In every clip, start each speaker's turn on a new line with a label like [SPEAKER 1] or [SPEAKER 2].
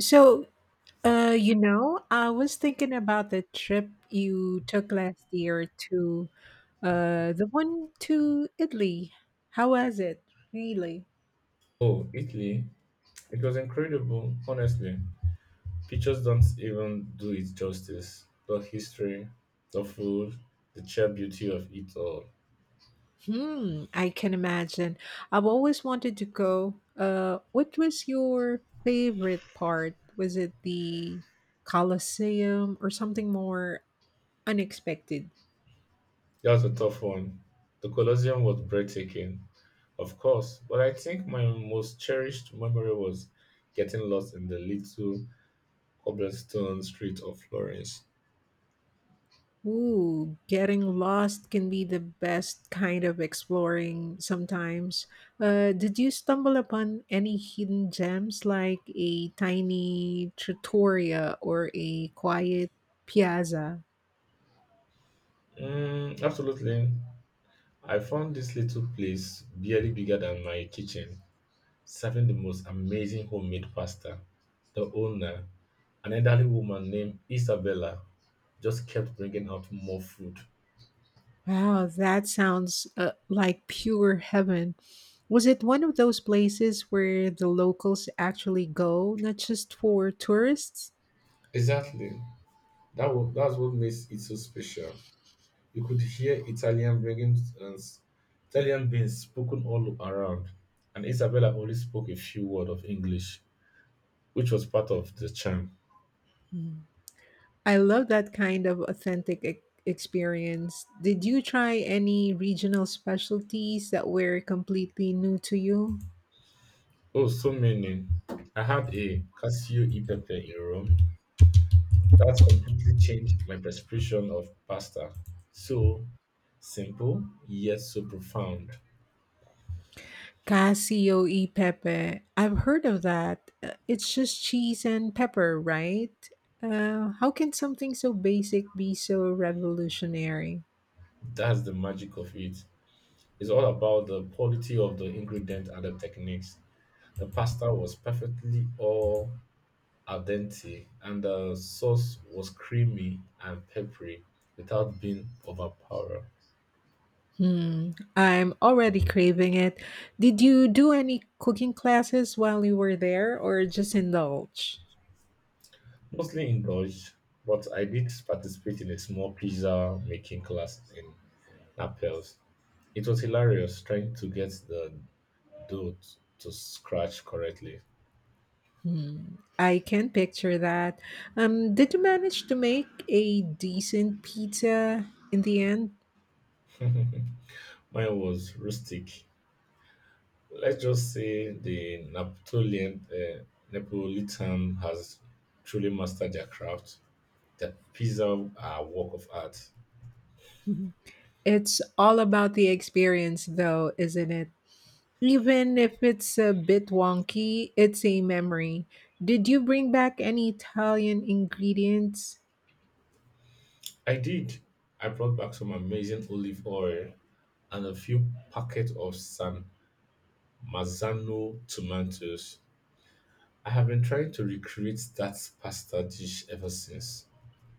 [SPEAKER 1] So, I was thinking about the trip you took last year to the one to Italy. How was it? Really?
[SPEAKER 2] Oh, Italy. It was incredible, honestly. Pictures don't even do it justice. The history, the food, the sheer beauty of it all.
[SPEAKER 1] Hmm, I can imagine. I've always wanted to go. What was your favorite part? Was it the Colosseum or something more unexpected?
[SPEAKER 2] That was a tough one. The Colosseum was breathtaking, of course, but I think my most cherished memory was getting lost in the little cobblestone street of Florence.
[SPEAKER 1] Ooh, getting lost can be the best kind of exploring sometimes. Did you stumble upon any hidden gems like a tiny trattoria or a quiet piazza?
[SPEAKER 2] Mm, absolutely. I found this little place barely bigger than my kitchen serving the most amazing homemade pasta. The owner, an elderly woman named Isabella, just kept bringing out more food.
[SPEAKER 1] Wow, that sounds like pure heaven. Was it one of those places where the locals actually go, not just for tourists?
[SPEAKER 2] Exactly. That's what makes it so special. You could hear Italian being spoken all around, and Isabella only spoke a few words of English, which was part of the charm.
[SPEAKER 1] Hmm. I love that kind of authentic experience. Did you try any regional specialties that were completely new to you?
[SPEAKER 2] Oh, so many. I had a Casio e pepe in Rome. That completely changed my perception of pasta. So simple, yet so profound.
[SPEAKER 1] Casio e pepe. I've heard of that. It's just cheese and pepper, right? How can something so basic be so revolutionary?
[SPEAKER 2] That's the magic of it. It's all about the quality of the ingredient and the techniques. The pasta was perfectly all al dente, and the sauce was creamy and peppery without being overpowering.
[SPEAKER 1] Hmm, I'm already craving it. Did you do any cooking classes while you were there or just indulge?
[SPEAKER 2] Mostly indulged, but I did participate in a small pizza making class in Naples. It was hilarious trying to get the to scratch correctly.
[SPEAKER 1] Hmm, I can picture that. Did you manage to make a decent pizza in the end?
[SPEAKER 2] Mine was rustic. Let's just say the Napolitan has truly mastered their craft. Their pizza are a work of art.
[SPEAKER 1] Mhm. It's all about the experience, though, isn't it? Even if it's a bit wonky, it's a memory. Did you bring back any Italian ingredients?
[SPEAKER 2] I did. I brought back some amazing olive oil and a few packets of San Marzano tomatoes. I have been trying to recreate that pasta dish ever since.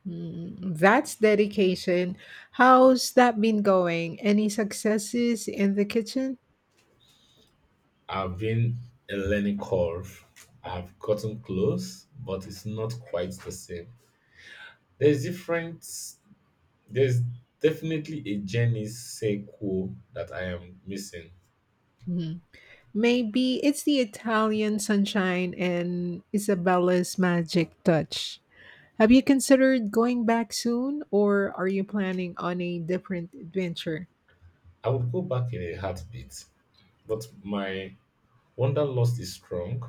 [SPEAKER 1] Mm, that's dedication. How's that been going? Any successes in the kitchen?
[SPEAKER 2] I've been a learning curve. I've gotten close, but it's not quite the same. There's different there's definitely a Jenny sequel that I am missing.
[SPEAKER 1] Mhm. Maybe it's the Italian sunshine and Isabella's magic touch. Have you considered going back soon, or are you planning on a different adventure?
[SPEAKER 2] I would go back in a heartbeat, but my wanderlust is strong.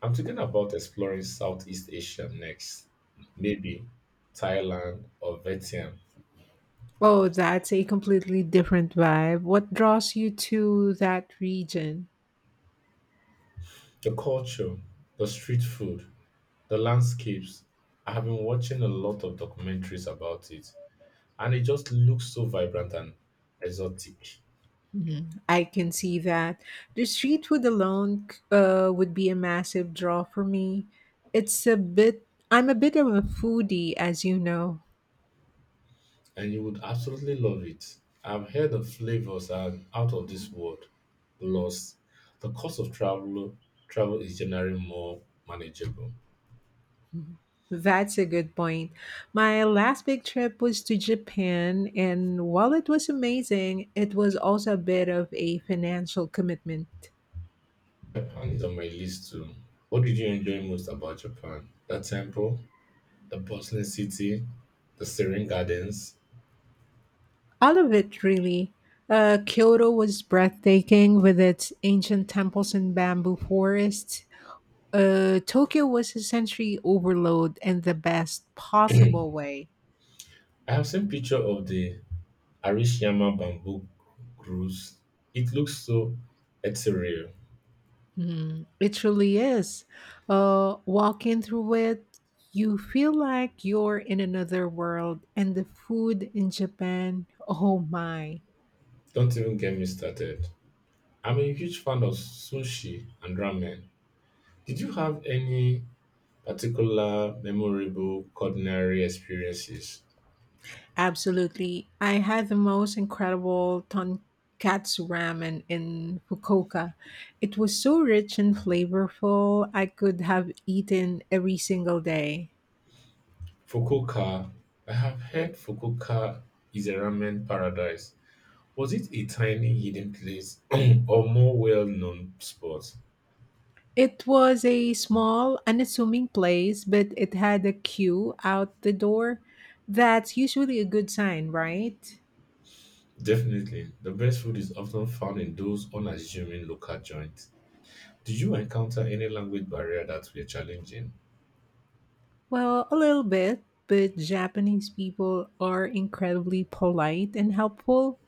[SPEAKER 2] I'm thinking about exploring Southeast Asia next. Maybe Thailand or Vietnam.
[SPEAKER 1] Oh, that's a completely different vibe. What draws you to that region?
[SPEAKER 2] The culture, the street food, the landscapes. I have been watching a lot of documentaries about it, and it just looks so vibrant and exotic.
[SPEAKER 1] Mhm. I can see that. The street food alone would be a massive draw for me. It's a bit, I'm a bit of a foodie, as you know.
[SPEAKER 2] And you would absolutely love it. I've heard the flavors are out of this world. Plus, the cost of travel is generally more manageable.
[SPEAKER 1] Mhm. That's a good point. My last big trip was to Japan, and while it was amazing, it was also a bit of a financial commitment.
[SPEAKER 2] Japan is on my list too. What did you enjoy most about Japan? The temple, the bustling city, the serene gardens.
[SPEAKER 1] All of it, really. Kyoto was breathtaking with its ancient temples and bamboo forests. Tokyo was a sensory overload in the best possible way.
[SPEAKER 2] I have seen picture of the Arashiyama bamboo grows. It looks so ethereal.
[SPEAKER 1] Mm, it truly is. Walking through it, you feel like you're in another world, and the food in Japan, oh my.
[SPEAKER 2] Don't even get me started. I'm a huge fan of sushi and ramen. Did you have any particular memorable culinary experiences?
[SPEAKER 1] Absolutely. I had the most incredible tonkatsu ramen in Fukuoka. It was so rich and flavorful, I could have eaten every single day.
[SPEAKER 2] Fukuoka. I have heard Fukuoka is a ramen paradise. Was it a tiny hidden place or more well known spot?
[SPEAKER 1] It was a small, unassuming place, but it had a queue out the door. That's usually a good sign, right?
[SPEAKER 2] Definitely. The best food is often found in those unassuming local joints. Did you encounter any language barrier that were challenging?
[SPEAKER 1] Well, a little bit, but Japanese people are incredibly polite and helpful.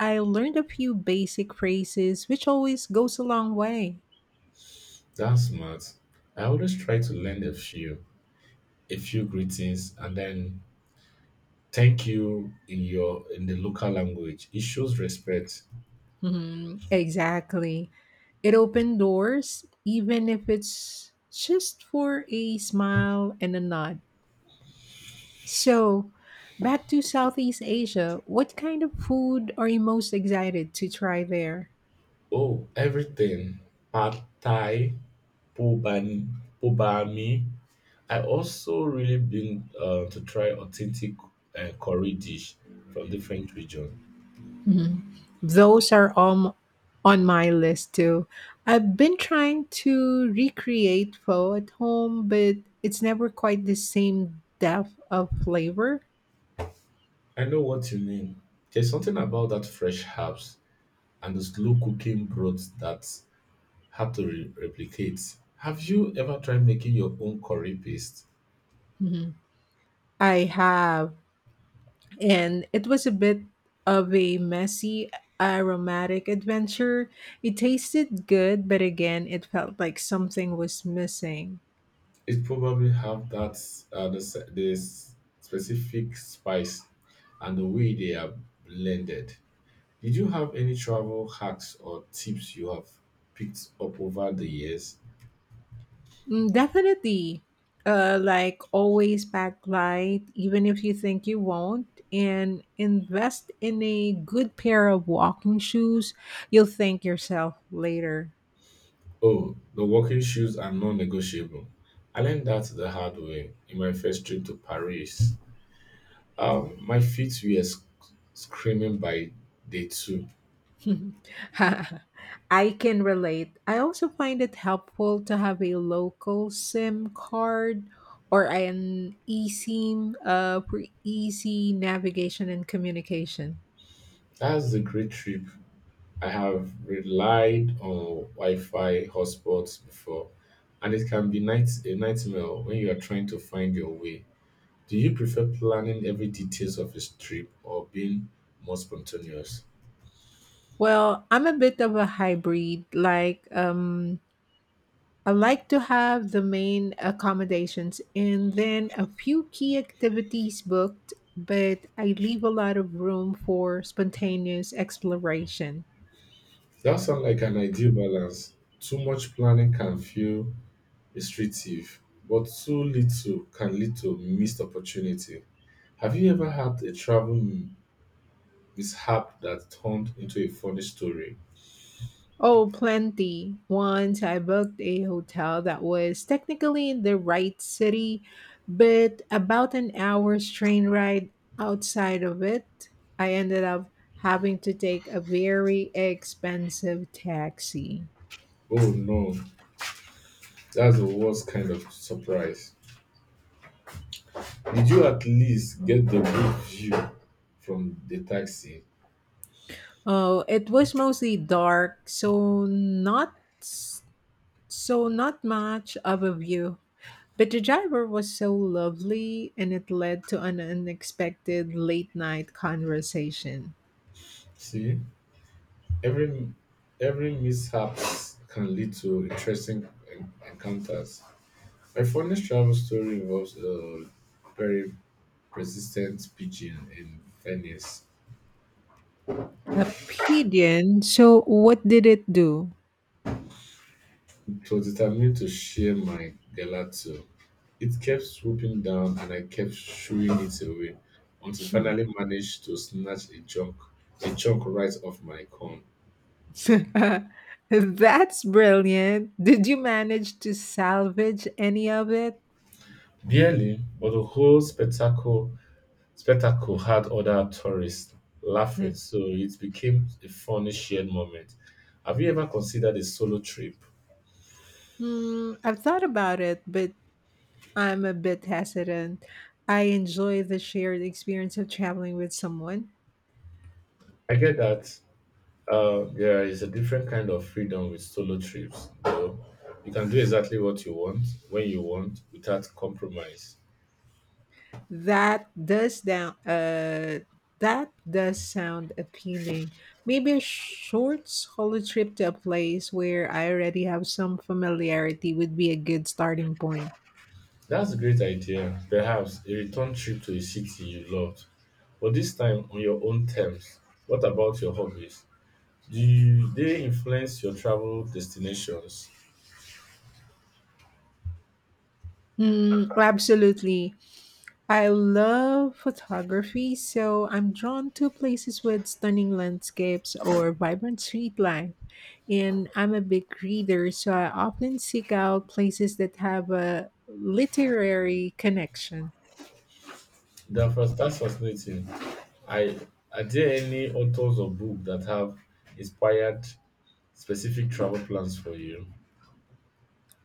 [SPEAKER 1] I learned a few basic phrases, which always goes a long way.
[SPEAKER 2] That's smart. I always try to learn a few greetings, and then thank you in your in the local language. It shows respect.
[SPEAKER 1] Mhm, exactly. It opened doors, even if it's just for a smile and a nod. So, back to Southeast Asia, what kind of food are you most excited to try there?
[SPEAKER 2] Oh, everything. Pad Thai, Pobani, Pobami. I also really been to try authentic curry dish from different region.
[SPEAKER 1] Mhm. Those are on my list too. I've been trying to recreate pho at home, but it's never quite the same depth of flavor.
[SPEAKER 2] I know what you mean. There's something about that fresh herbs and the slow cooking broth that replicate. Have you ever tried making your own curry paste?
[SPEAKER 1] Mhm. I have, and it was a bit of a messy aromatic adventure. It tasted good, but again, it felt like something was missing.
[SPEAKER 2] It probably have that specific spice and the way they are blended. Did you have any travel hacks or tips you have picked up over the years?
[SPEAKER 1] Mm, definitely. Like always pack light, even if you think you won't, and invest in a good pair of walking shoes. You'll thank yourself later.
[SPEAKER 2] Oh, the walking shoes are non-negotiable. I learned that the hard way in my first trip to Paris. My feet were screaming by day two.
[SPEAKER 1] I can relate. I also find it helpful to have a local SIM card or an eSIM for easy navigation and communication.
[SPEAKER 2] That's a great trip. I have relied on Wi-Fi hotspots before, and it can be night a nightmare when you are trying to find your way. Do you prefer planning every details of a trip or being more spontaneous?
[SPEAKER 1] Well, I'm a bit of a hybrid. I like to have the main accommodations and then a few key activities booked, but I leave a lot of room for spontaneous exploration.
[SPEAKER 2] That sounds like an ideal balance. Too much planning can feel restrictive, but too little can lead to missed opportunity. Have you ever had a travel mishap that turned into a funny story?
[SPEAKER 1] Oh, plenty. Once I booked a hotel that was technically in the right city, but about an hour's train ride outside of it, I ended up having to take a very expensive taxi.
[SPEAKER 2] Oh no, that's the worst kind of surprise. Did you at least get the good view from the taxi?
[SPEAKER 1] Oh, it was mostly dark, so not s- so not much of a view. But the driver was so lovely, and it led to an unexpected late night conversation.
[SPEAKER 2] See, every every mishap can lead to interesting encounters. My funniest travel story involves a very persistent pigeon in Venice.
[SPEAKER 1] A pigeon. So, what did it do?
[SPEAKER 2] It was determined to share my gelato. It kept swooping down and I kept shooing it away until it finally managed to snatch a chunk right off my cone.
[SPEAKER 1] That's brilliant. Did you manage to salvage any of it?
[SPEAKER 2] Barely, but the whole spectacle had other tourists laughing, so it became a funny shared moment. Have you ever considered a solo trip?
[SPEAKER 1] Hmm, I've thought about it, but I'm a bit hesitant. I enjoy the shared experience of traveling with someone.
[SPEAKER 2] I get that. Yeah, it's a different kind of freedom with solo trips, though. You can do exactly what you want, when you want, without compromise.
[SPEAKER 1] That does down uh that does sound appealing. Maybe a short solo trip to a place where I already have some familiarity would be a good starting point.
[SPEAKER 2] That's a great idea. Perhaps a return trip to a city you loved, but this time on your own terms. What about your hobbies? Do you, they influence your travel destinations?
[SPEAKER 1] Mm, absolutely. I love photography, so I'm drawn to places with stunning landscapes or vibrant streetlights. And I'm a big reader, so I often seek out places that have a literary connection.
[SPEAKER 2] That's fascinating. I are there any authors or books that have inspired specific travel plans for you?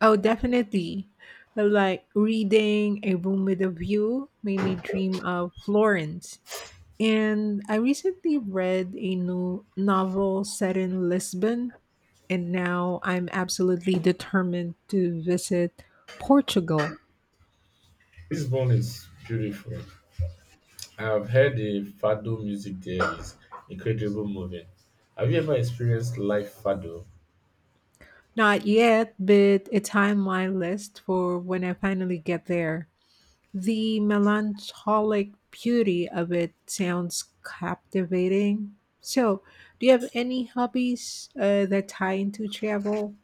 [SPEAKER 1] Oh, definitely. Like reading A Room with a View made me dream of Florence. And I recently read a new novel set in Lisbon, and now I'm absolutely determined to visit Portugal.
[SPEAKER 2] Lisbon is beautiful. I've heard the fado music there is incredible moving. Have you ever experienced live fado?
[SPEAKER 1] Not yet, but it's high on my list for when I finally get there. The melancholic beauty of it sounds captivating. So, do you have any hobbies that tie into travel?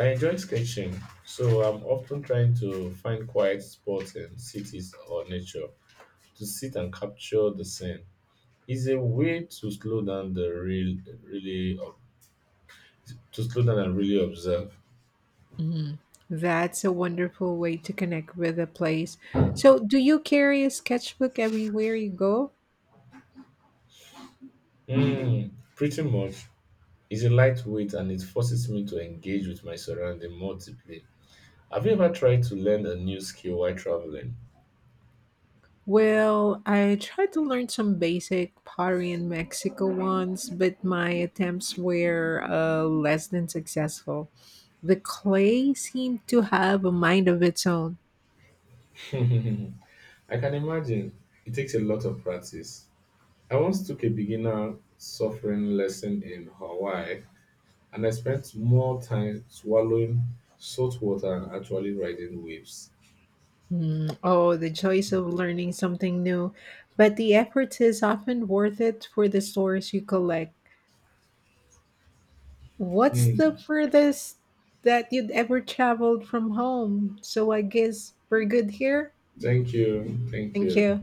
[SPEAKER 2] I enjoy sketching, so I'm often trying to find quiet spots in cities or nature to sit and capture the scene. It's a way to slow down the real, really, to slow down and really observe.
[SPEAKER 1] Mhm. That's a wonderful way to connect with a place. So, do you carry a sketchbook everywhere you go?
[SPEAKER 2] Mm, pretty much, it's a lightweight and it forces me to engage with my surrounding more deeply. Have you ever tried to learn a new skill while traveling?
[SPEAKER 1] Well, I tried to learn some basic pottery in Mexico once, but my attempts were less than successful. The clay seemed to have a mind of its own.
[SPEAKER 2] I can imagine it takes a lot of practice. I once took a beginner suffering lesson in Hawaii and I spent more time swallowing salt water and actually riding waves.
[SPEAKER 1] Hmm, oh, the choice of learning something new. But the effort is often worth it for the stories you collect. What's the
[SPEAKER 2] Mm.
[SPEAKER 1] furthest that you'd ever traveled from home? So I guess we're good here.
[SPEAKER 2] Thank you. Thank
[SPEAKER 1] Thank
[SPEAKER 2] you.
[SPEAKER 1] you.